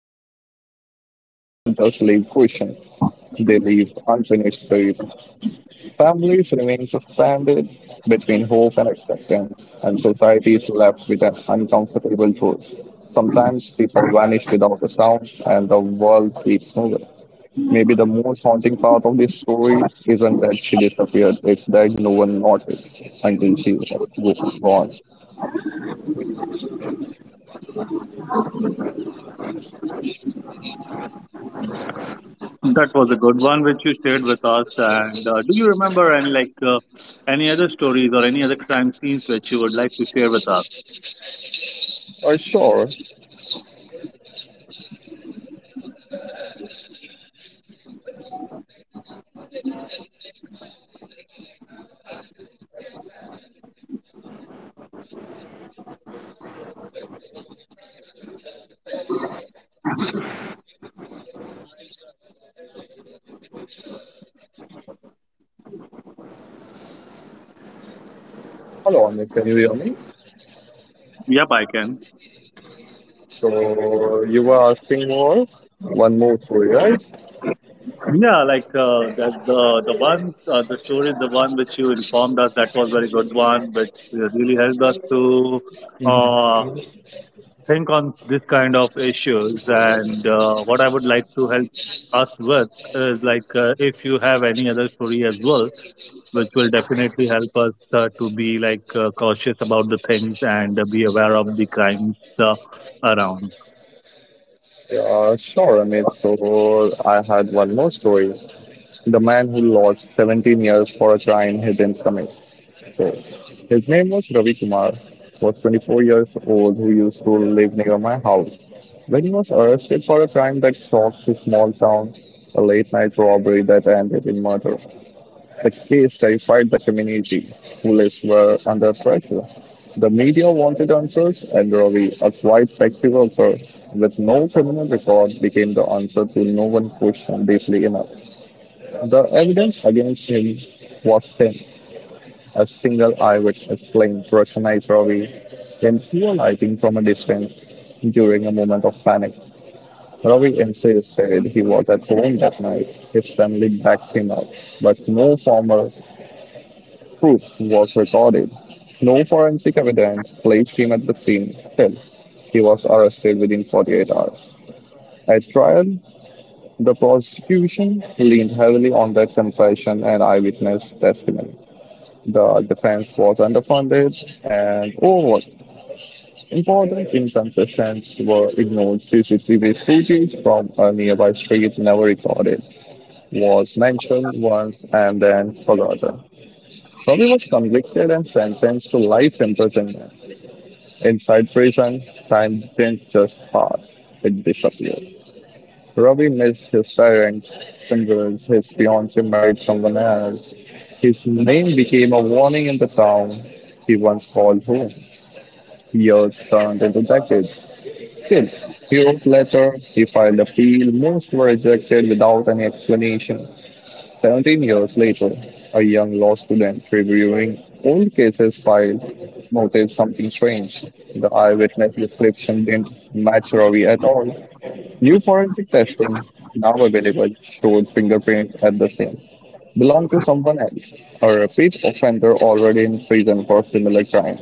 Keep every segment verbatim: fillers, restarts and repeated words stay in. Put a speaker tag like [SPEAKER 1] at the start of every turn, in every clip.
[SPEAKER 1] Unsolved mystery like this don't just leave questions, they leave unfinished stories. Families remain suspended between hope and expectance, and society is left with an uncomfortable truth. Sometimes people vanish without a sound, and the world keeps moving. Maybe the most haunting part of this story isn't that she disappeared, it's that no one noticed until she was gone.
[SPEAKER 2] That was a good one which you shared with us. And uh, do you remember any like uh, any other stories or any other crime scenes which you would like to share with us?
[SPEAKER 1] Uh, sure. Hello, Amit. Can you hear me?
[SPEAKER 2] Yep, I can.
[SPEAKER 1] So you were asking more, one more story, right?
[SPEAKER 2] Yeah, like uh, the the the one uh, the story, the one which you informed us, that was very good one, which uh, really helped us to uh, think on this kind of issues. And uh, what I would like to help us with is like uh, if you have any other story as well, which will definitely help us uh, to be like uh, cautious about the things and uh, be aware of the crimes uh, around.
[SPEAKER 1] Yeah, sure, Amit. So I had one more story. The man who lost seventeen years for a crime he didn't commit. So his name was Ravi Kumar. Was twenty-four years old who used to live near my house. When he was arrested for a crime that shocked his small town, a late night robbery that ended in murder. The case terrified the community, who lives were under pressure. The media wanted answers, and Ravi, a quiet sexy worker with no criminal record, became the answer to no one questioned deeply enough. The evidence against him was thin. A single eyewitness claimed to recognize Ravi in poor lighting from a distance during a moment of panic. Ravi insists said he was at home that night. His family backed him up, but no formal Proops was recorded. No forensic evidence placed him at the scene. Still, he was arrested within forty-eight hours. At trial, the prosecution leaned heavily on that confession and eyewitness testimony. The defense was underfunded and overworked. Important inconsistencies were ignored. C C T V footage from a nearby street never recorded was mentioned once and then forgotten. Robbie was convicted and sentenced to life imprisonment. Inside prison, time didn't just pass, it disappeared. Robbie missed his parents' funerals, his fiancee married someone else. His name became a warning in the town he once called home. Years turned into decades. Still, years later, he filed appeal. Most were rejected without any explanation. Seventeen years later, a young law student reviewing old cases filed noticed something strange. The eyewitness description didn't match Ravi at all. New forensic testing, now available, showed fingerprints at the scene belonged to someone else, a repeat offender already in prison for similar crime.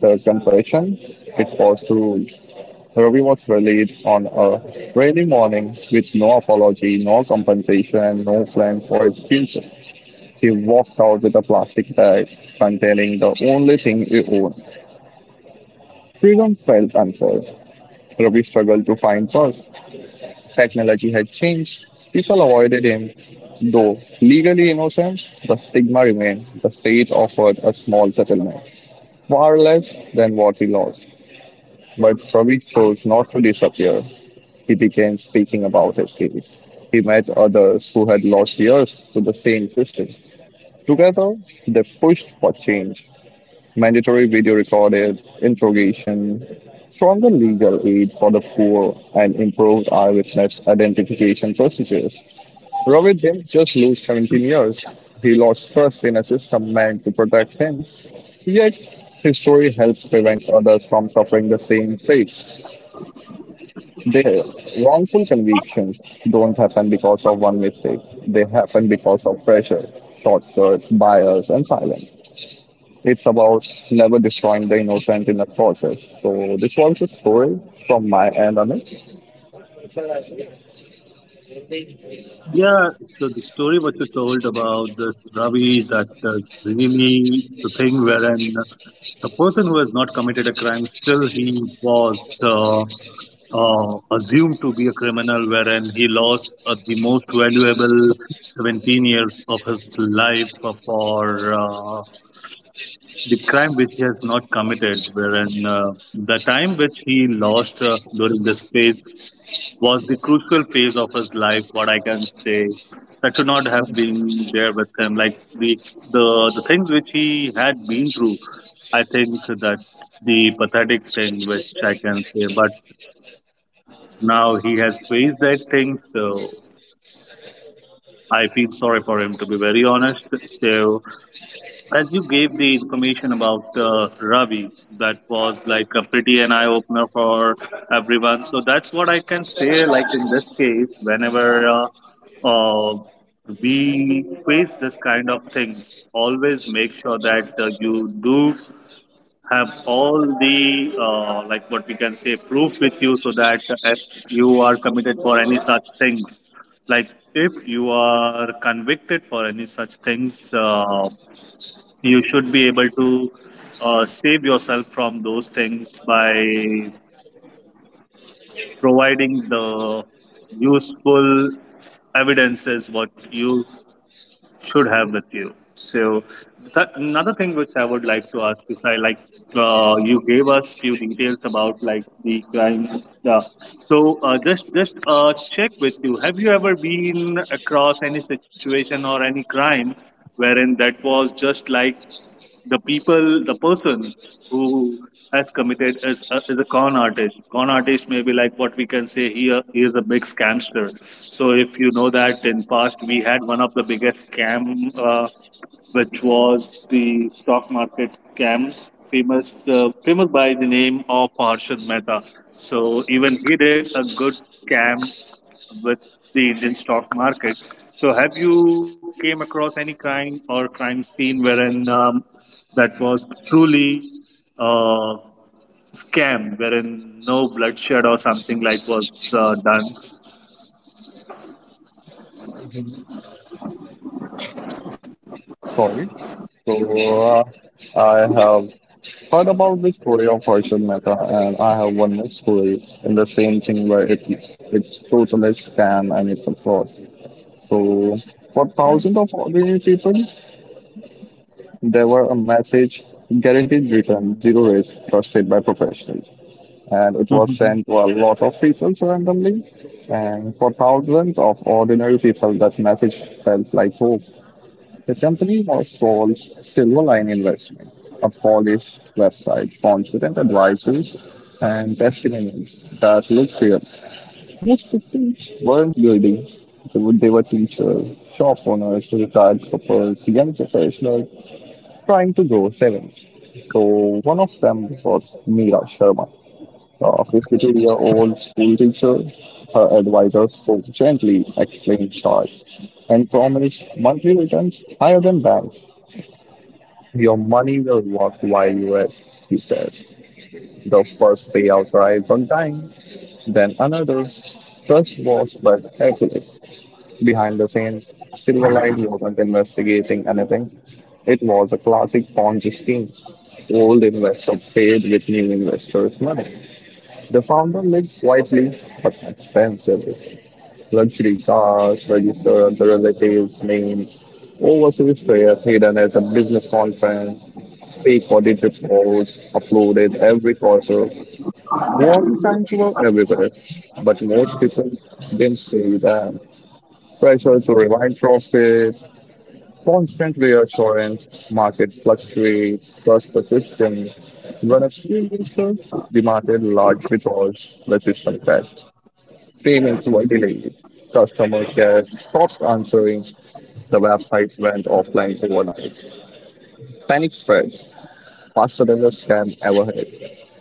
[SPEAKER 1] The confession, it was to rules. Ravi was released on a rainy morning with no apology, no compensation, and no plan for his future. She walked out with a plastic bag containing the only thing he owned. Freedom felt unfair. Ravi struggled to find work. Technology had changed. People avoided him. Though legally innocent, the stigma remained. The state offered a small settlement, far less than what he lost. But Ravi chose not to disappear. He began speaking about his case. He met others who had lost years to the same system. Together, they pushed for change. Mandatory video recorded interrogation, stronger legal aid for the poor, and improved eyewitness identification procedures. Ravi didn't just lose seventeen years, he lost trust in a system meant to protect him. Yet, his story helps prevent others from suffering the same fate. The wrongful convictions don't happen because of one mistake, they happen because of pressure, shortcuts, bias, and silence. It's about never destroying the innocent in the process. So this was the story from my end, Amit.
[SPEAKER 2] Yeah, so the story what you told about this Ravi, that is really the thing wherein the person who has not committed a crime still he was uh, uh, assumed to be a criminal, wherein he lost uh, the most valuable 17 years of his life for uh, the crime which he has not committed, wherein uh, the time which he lost uh, during this phase was the crucial phase of his life. What I can say that should not have been there with him. Like the the the things which he had been through, I think that the pathetic thing which I can say. But now he has faced that thing, so I feel sorry for him to be very honest. So as you gave the information about uh, Ravi, that was like a pretty an eye opener for everyone. So that's what I can say. Like in this case, whenever uh, uh, we face this kind of things, always make sure that uh, you do have all the uh, like what we can say proof with you, so that if you are committed for any such things, like if you are convicted for any such things. Uh, you should be able to uh, save yourself from those things by providing the useful evidences what you should have with you so th- another thing which I would like to ask is I like uh, you gave us few details about like the crime uh, so uh, just just uh, check with you, have you ever been across any situation or any crime wherein that was just like the people, the person who has committed is a, is a con artist. Con artist may be like what we can say here. He is a big scamster. So if you know that in past we had one of the biggest scam, uh, which was the stock market scam, famous uh, famous by the name of Harshad Mehta. So even he did a good scam with the Indian stock market. So have you came across any crime or crime scene wherein um, that was truly uh, scam, wherein no bloodshed or something like was uh, done?
[SPEAKER 1] Sorry. So uh, I have heard about the story of Harshad Mehta, and I have one more story in the same thing where it it's totally scam and it's a fraud. So for thousands of ordinary people, they were a message guaranteed return, zero risk, trusted by professionals. And it was sent to a lot of people randomly. And for thousands of ordinary people, that message felt like hope. The company was called Silverline Investments, a Polish website confident with advisors and testimonials that looked real. Most victims weren't buildings. They were, they were teachers, shop owners, retired couples, young professionals trying to grow sevens. So one of them was Meera Sharma, a fifty-two-year-old school teacher. Her advisor spoke gently, explained charge, and promised monthly returns higher than banks. Your money will work while you rest, he said. The first payout arrived on time, then another. Trust was but careful. Behind the scenes, Silverlight wasn't investigating anything. It was a classic Ponzi scheme. Old investors paid with new investors' money. The founder lived quietly but expensively. Luxury cars, registered under relatives' names, overseas prayers hidden as a business conference, fake audit reports uploaded every quarter. Warning signs were everywhere, but most people didn't see that. Pressure to rewind profit. Constant reassurance, market fluctuates, cost persistence. When a few investors demanded large withdrawals, the system crashed. Payments were delayed. Customer care stopped answering. The website went offline overnight. Panic spread faster than the scam ever had.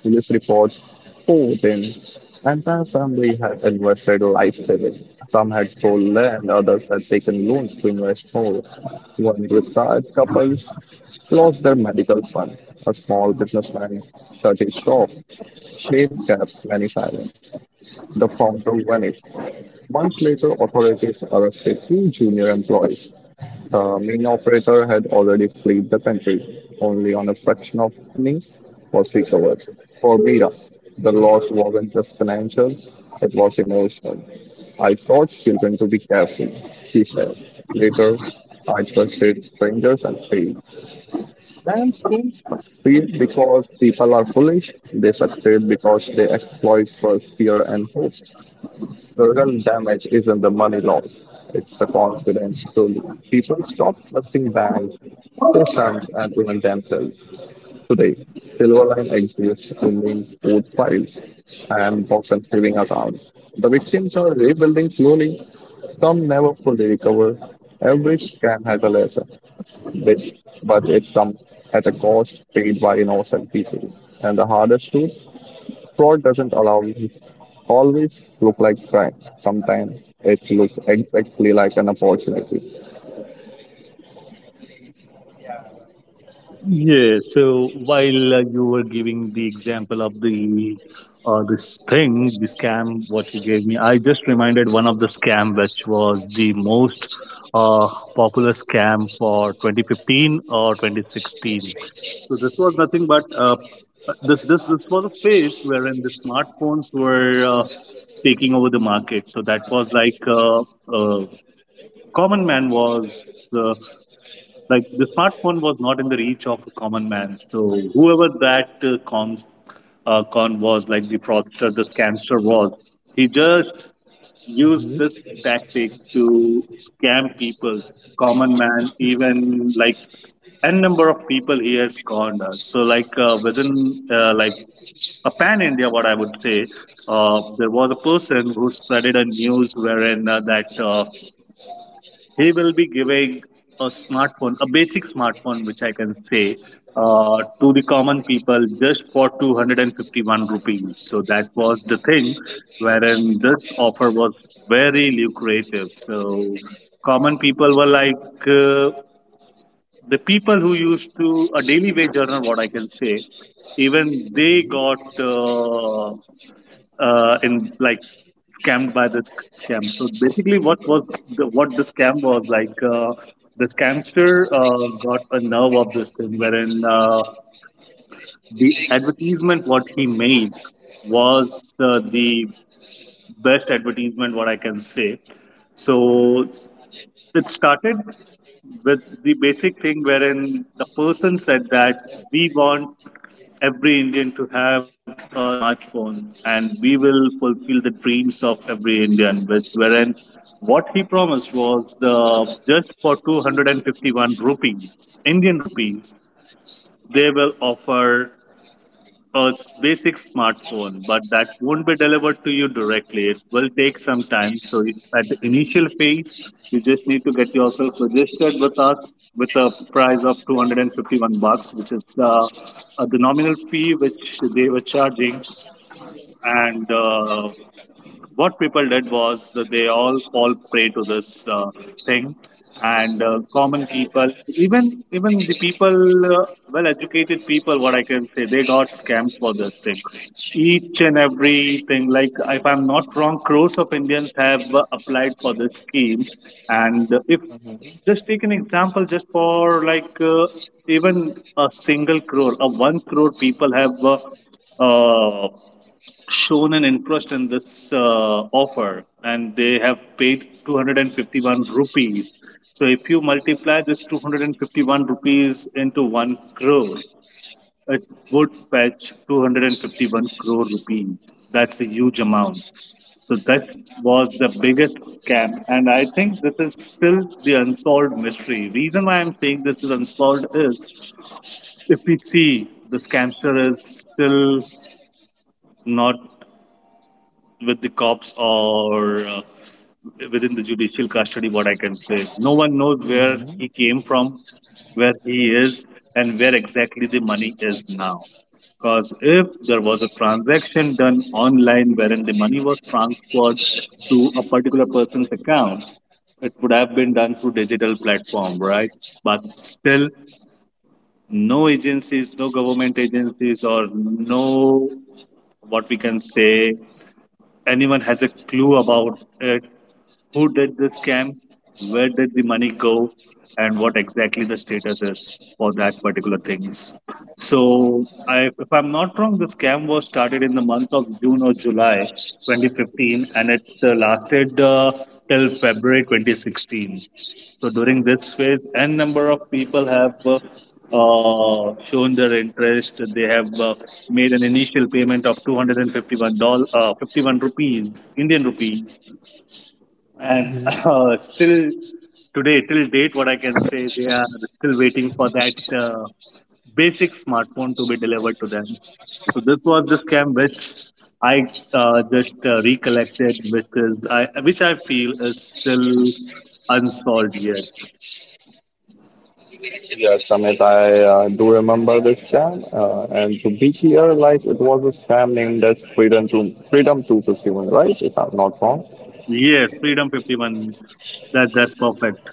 [SPEAKER 1] Police reports poured in. Entire family had invested life savings. Some had sold land, others had taken loans to invest more. One retired couple lost their medical fund. A small businessman shut his shop. Shame kept many silent. The founder vanished. Months later, authorities arrested two junior employees. The main operator had already fled the country; only on a fraction of the money was recovered. For Mira, the loss wasn't just financial, it was emotional. I taught children to be careful, she said. Later, I trusted strangers and failed. And soon, failed because people are foolish, they succeed because they exploit for fear and hope. The real damage isn't the money loss, it's the confidence truly. People stop trusting banks, systems, and even themselves. Today, Silverline exists in mean food files and box and saving accounts. The victims are rebuilding slowly, some never fully recover. Every scam has a lesson, but but it comes at a cost paid by innocent people. And the hardest truth fraud doesn't allow always look like crime. Sometimes it looks exactly like an opportunity.
[SPEAKER 2] Yeah, so while uh, you were giving the example of the uh, this thing, the scam, what you gave me, I just reminded one of the scam which was the most uh, popular scam for twenty fifteen or twenty sixteen. So this was nothing but uh, this this this was a phase wherein the smartphones were uh, taking over the market. So that was like uh, uh, common man was. uh, like the smartphone was not in the reach of a common man. So whoever that uh, cons uh, con was, like the fraudster, the scamster was, he just used this tactic to scam people, common man, even like n number of people he has conned us. So like uh, within uh, like a pan India, what I would say, uh, there was a person who spreaded a news wherein uh, that. Uh, he will be giving a smartphone, a basic smartphone, which I can say, uh, to the common people just for two hundred fifty-one rupees. So that was the thing wherein this offer was very lucrative. So common people were like, uh, the people who used to a daily wage earner, what I can say, even they got uh, uh, in like scammed by this scam. So basically, what was the, what the scam was like? Uh, the scamster uh, got a nerve of this thing, wherein uh, the advertisement what he made was uh, the best advertisement what I can say. So it started with the basic thing wherein the person said that we want every Indian to have a smartphone and we will fulfill the dreams of every Indian with wherein what he promised was the just for two hundred fifty-one rupees Indian rupees they will offer a s- basic smartphone, but that won't be delivered to you directly. It will take some time. So you- at the initial phase, you just need to get yourself registered with us with a price of two hundred fifty-one bucks, which is uh, uh, the nominal fee which they were charging. And uh, what people did was that they all fall prey to this uh, thing and uh, common people even even the people uh, well educated people what I can say they got scammed for this thing, each and everything. Like if I'm not wrong, crores of Indians have uh, applied for this scheme and uh, if just take an example just for like uh, even a single crore, a one crore people have uh, uh, shown an interest in this uh, offer and they have paid two hundred fifty-one rupees. So if you multiply this two hundred fifty-one rupees into one crore, it would fetch two hundred fifty-one crore rupees. That's a huge amount. So that was the biggest scam, and I think this is still the unsolved mystery. Reason why I'm saying this is unsolved is if we see the scamster is still not with the cops or uh, within the judicial custody, what I can say. No one knows where he came from, where he is, and where exactly the money is now, because if there was a transaction done online wherein the money was transferred to a particular person's account, it would have been done through digital platform, right? But still, no agencies, no government agencies, or no what we can say, anyone has a clue about it, who did the scam, where did the money go, and what exactly the status is for that particular things. So, I, if I'm not wrong, the scam was started in the month of June or July twenty fifteen, and it uh, lasted uh, till February twenty sixteen. So during this phase, n number of people have uh, uh, shown their interest. They have uh, made an initial payment of two hundred fifty-one dollars, uh, fifty-one rupees, Indian rupees, and uh, still today, till date, what I can say, they are still waiting for that uh, basic smartphone to be delivered to them. So this was the scam which I uh, just uh, recollected, which is I, which I feel is still unsolved yet.
[SPEAKER 1] Yes, Amit, I uh, do remember this scam, uh, and to be clear, like it was a scam named as Freedom to Freedom two hundred fifty-one, right? If I'm not wrong,
[SPEAKER 2] Yes, Freedom fifty-one. That that's perfect.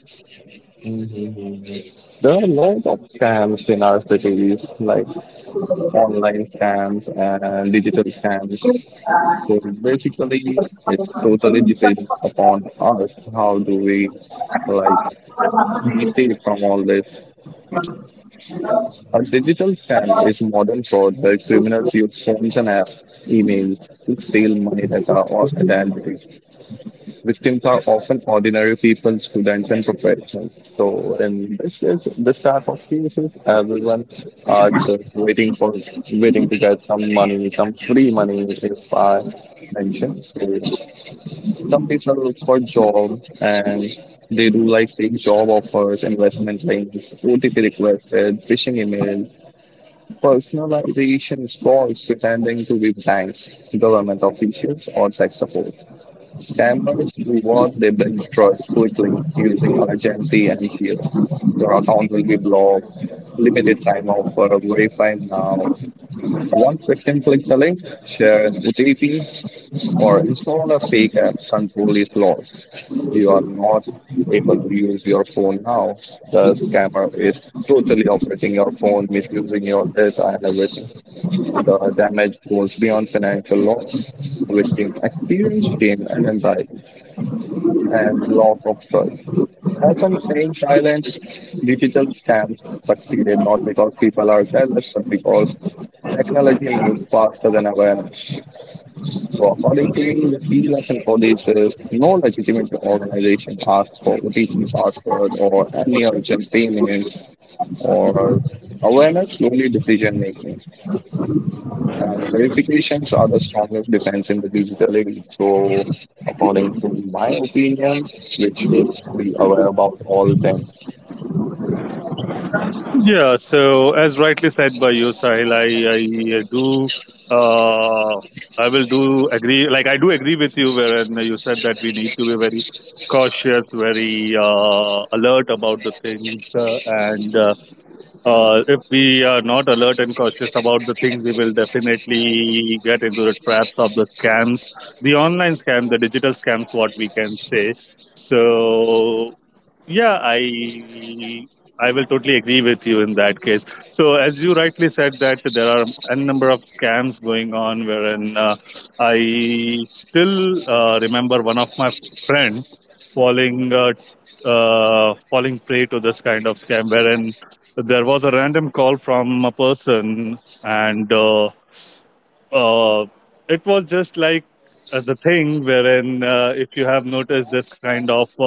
[SPEAKER 1] there are a lot of scams in our cities, like online scams and digital scams. So basically, it's totally depends upon us. How do we like be safe from all this? A digital scam is modern fraud where criminals use phones and apps, emails to steal money, data, or identities. Victims are often ordinary people, students, and professionals. So, in this case, this type of cases, everyone are just waiting for waiting to get some money, some free money, if I mention. So, some people look for job and they do like fake job offers, investment links, O T P requested, phishing emails, personalization falls pretending to be banks, government officials, or tech support. Scammers do what they build trust quickly using urgency and fear. Your account will be blocked, limited time offer, verify now. Once victim clicks a link, share an O T P, or install a fake app, control is lost. You are not able to use your phone now. The scammer is totally operating your phone, misusing your data and everything. The damage goes beyond financial loss. Victims experience shame and anxiety and loss of trust. Often staying silent, digital scams succeeded not because people are careless, but because technology moves faster than awareness. So according to me, the key lesson for this is no legitimate organization asks for O T P password or any urgent payments or awareness, slowly decision making. And verifications are the strongest defense in the digital age. So, according to my opinion, we should be aware about all things.
[SPEAKER 2] Yeah, so as rightly said by you, Sahil, I, I do uh, I will do agree, like I do agree with you wherein you said that we need to be very cautious, very uh, alert about the things, uh, and uh, Uh, if we are not alert and cautious about the thing, we will definitely get into the traps of the scams, the online scam, the digital scams, what we can say. So, yeah, I I will totally agree with you in that case. So, as you rightly said, that there are a number of scams going on, wherein uh, I still uh, remember one of my friend falling uh, uh, falling prey to this kind of scam, wherein there was a random call from a person and uh, uh, it was just like uh, the thing wherein uh, if you have noticed this kind of uh,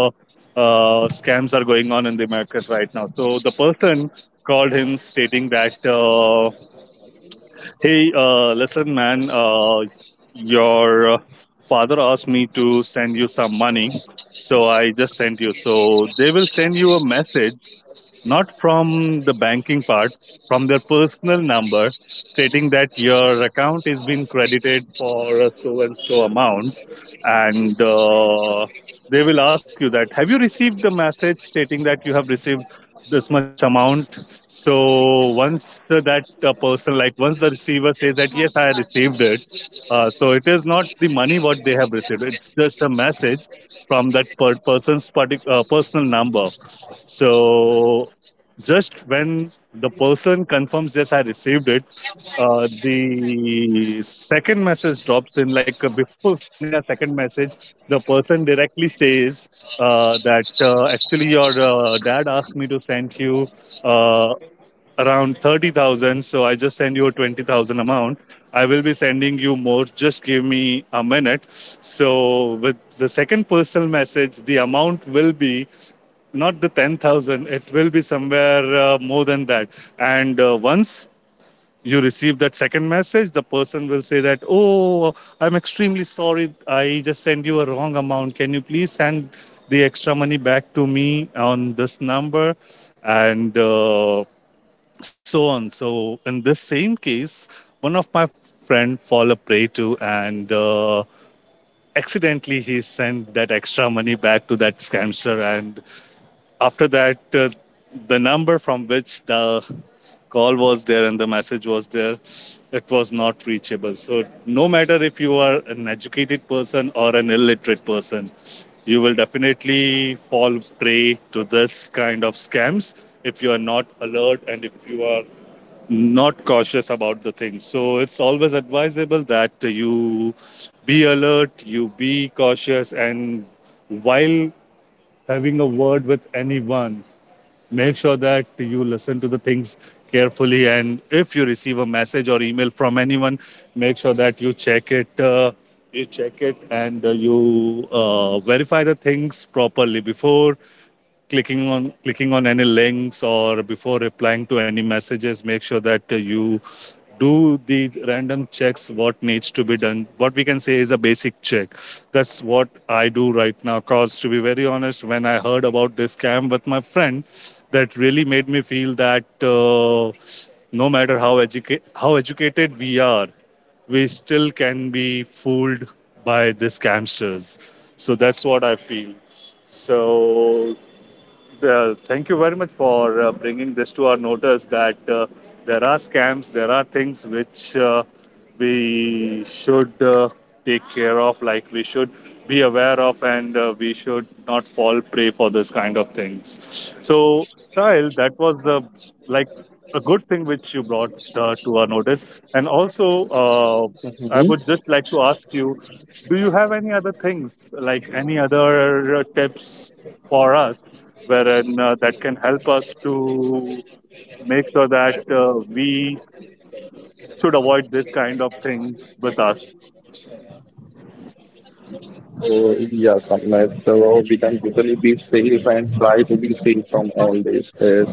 [SPEAKER 2] uh, scams are going on in the market right now. So the person called him stating that uh, hey, uh, listen man, uh, your uh, father asked me to send you some money, so I just sent you, so they will send you a message, not from the banking part, from their personal number, stating that your account is being credited for a so and so amount, and uh, they will ask you that, have you received the message stating that you have received this much amount? So once uh, that uh, person, like once the receiver says that yes I received it, uh, so it is not the money what they have received, it's just a message from that per- person's partic- uh, personal number. So just when the person confirms yes I received it, uh, the second message drops in. Like uh, before sending a second message, the person directly says uh, that uh, actually your uh, dad asked me to send you uh, around thirty thousand. So I just send you a twenty thousand amount. I will be sending you more. Just give me a minute. So with the second personal message, the amount will be not the ten thousand. It will be somewhere uh, more than that. And uh, once you receive that second message, the person will say that, oh, I'm extremely sorry, I just sent you a wrong amount. Can you please send the extra money back to me on this number? And uh, so on. So in this same case, one of my friend fall a prey to, and uh, accidentally he sent that extra money back to that scamster. And after that, uh, the number from which the call was there and the message was there, it was not reachable. So no matter if you are an educated person or an illiterate person, you will definitely fall prey to this kind of scams if you are not alert and if you are not cautious about the things. So it's always advisable that you be alert, you be cautious, and while having a word with anyone, make sure that you listen to the things carefully. And if you receive a message or email from anyone, make sure that you check it. Uh, you check it, and uh, you uh, verify the things properly before clicking on clicking on any links, or before replying to any messages, make sure that uh, you do the random checks what needs to be done, what we can say is a basic check. That's what I do right now, cause to be very honest, when I heard about this scam with my friend, that really made me feel that uh, no matter how educa- how educated we are, we still can be fooled by the scamsters. So that's what I feel. So uh, thank you very much for uh, bringing this to our notice, that uh, there are scams, there are things which uh, we should uh, take care of, like we should be aware of, and uh, we should not fall prey for this kind of things. So, Sahil, that was uh, like a good thing which you brought uh, to our notice, and also uh, I would just like to ask you, do you have any other things, like any other uh, tips for us, wherein uh, that can help us to make sure that uh, we should avoid this kind of thing with us.
[SPEAKER 1] So yeah, Samit, so we can totally be safe and try to be safe from all this. Is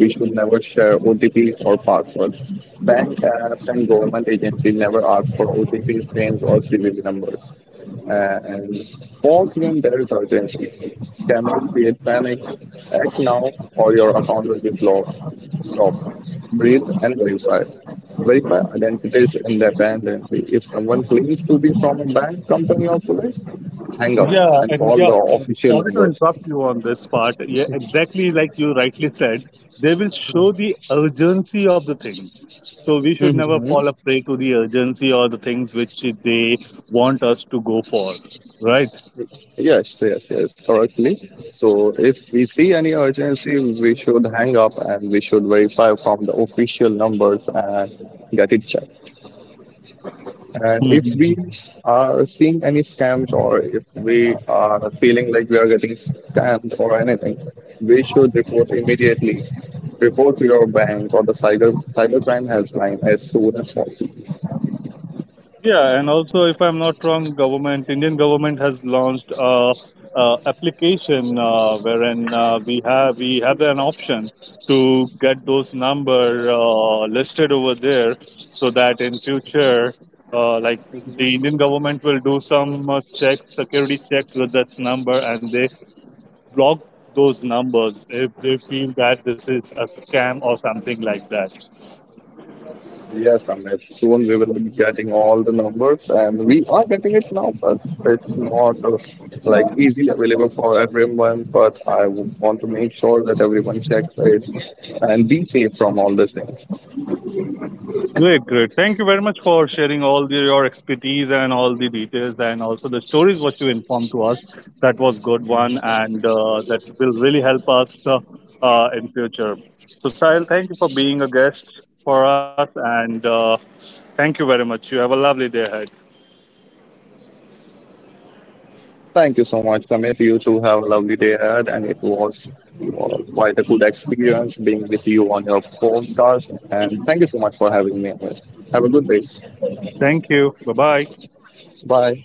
[SPEAKER 1] we should never share O T P or passwords. Bank apps and government agencies never ask for O T P names or C V V numbers. Uh, And pause when there is urgency. Scammers create panic. Act now or your account will be blocked. So, breathe and verify. Verify identities independently. If someone claims to be from a bank, company, or police, hang up
[SPEAKER 2] Yeah,
[SPEAKER 1] and
[SPEAKER 2] and
[SPEAKER 1] call
[SPEAKER 2] yeah,
[SPEAKER 1] the
[SPEAKER 2] I'm
[SPEAKER 1] official
[SPEAKER 2] sorry to
[SPEAKER 1] numbers.
[SPEAKER 2] interrupt you on this part. Yeah, exactly like you rightly said, they will show the urgency of the things. So we should never
[SPEAKER 1] Mhm.
[SPEAKER 2] fall a prey to the urgency or the things which they want us to go for, right?
[SPEAKER 1] Yes, yes, yes, correctly. So if we see any urgency, we should hang up and we should verify from the official numbers and get it checked. And if we are seeing any scams or if we are feeling like we are getting scammed or anything, we should report immediately. Report to your bank or the cyber cybercrime helpline as soon as possible.
[SPEAKER 2] Yeah, and also, if I'm not wrong, government, Indian government has launched a, a application uh, wherein uh, we have we have an option to get those number uh, listed over there, so that in future, uh, like the Indian government will do some uh, checks, security checks with that number, and they block those numbers if they feel that this is a scam or something like that.
[SPEAKER 1] Yes, Amit. Soon we will be getting all the numbers, and we are getting it now, but it's not uh, like easily available for everyone. But I would want to make sure that everyone checks it and be safe from all these things.
[SPEAKER 2] Great, great. Thank you very much for sharing all the, your expertise and all the details, and also the stories what you informed to us. That was good one, and uh, that will really help us uh, uh, in future. So Sahil, thank you for being a guest for us, and uh, thank you very much. You have a lovely day ahead.
[SPEAKER 1] Thank you so much, Samir. You too have a lovely day ahead, and it was uh, quite a good experience being with you on your podcast. And thank you so much for having me. Here. Have a good day.
[SPEAKER 2] Thank you. Bye bye.
[SPEAKER 1] Bye.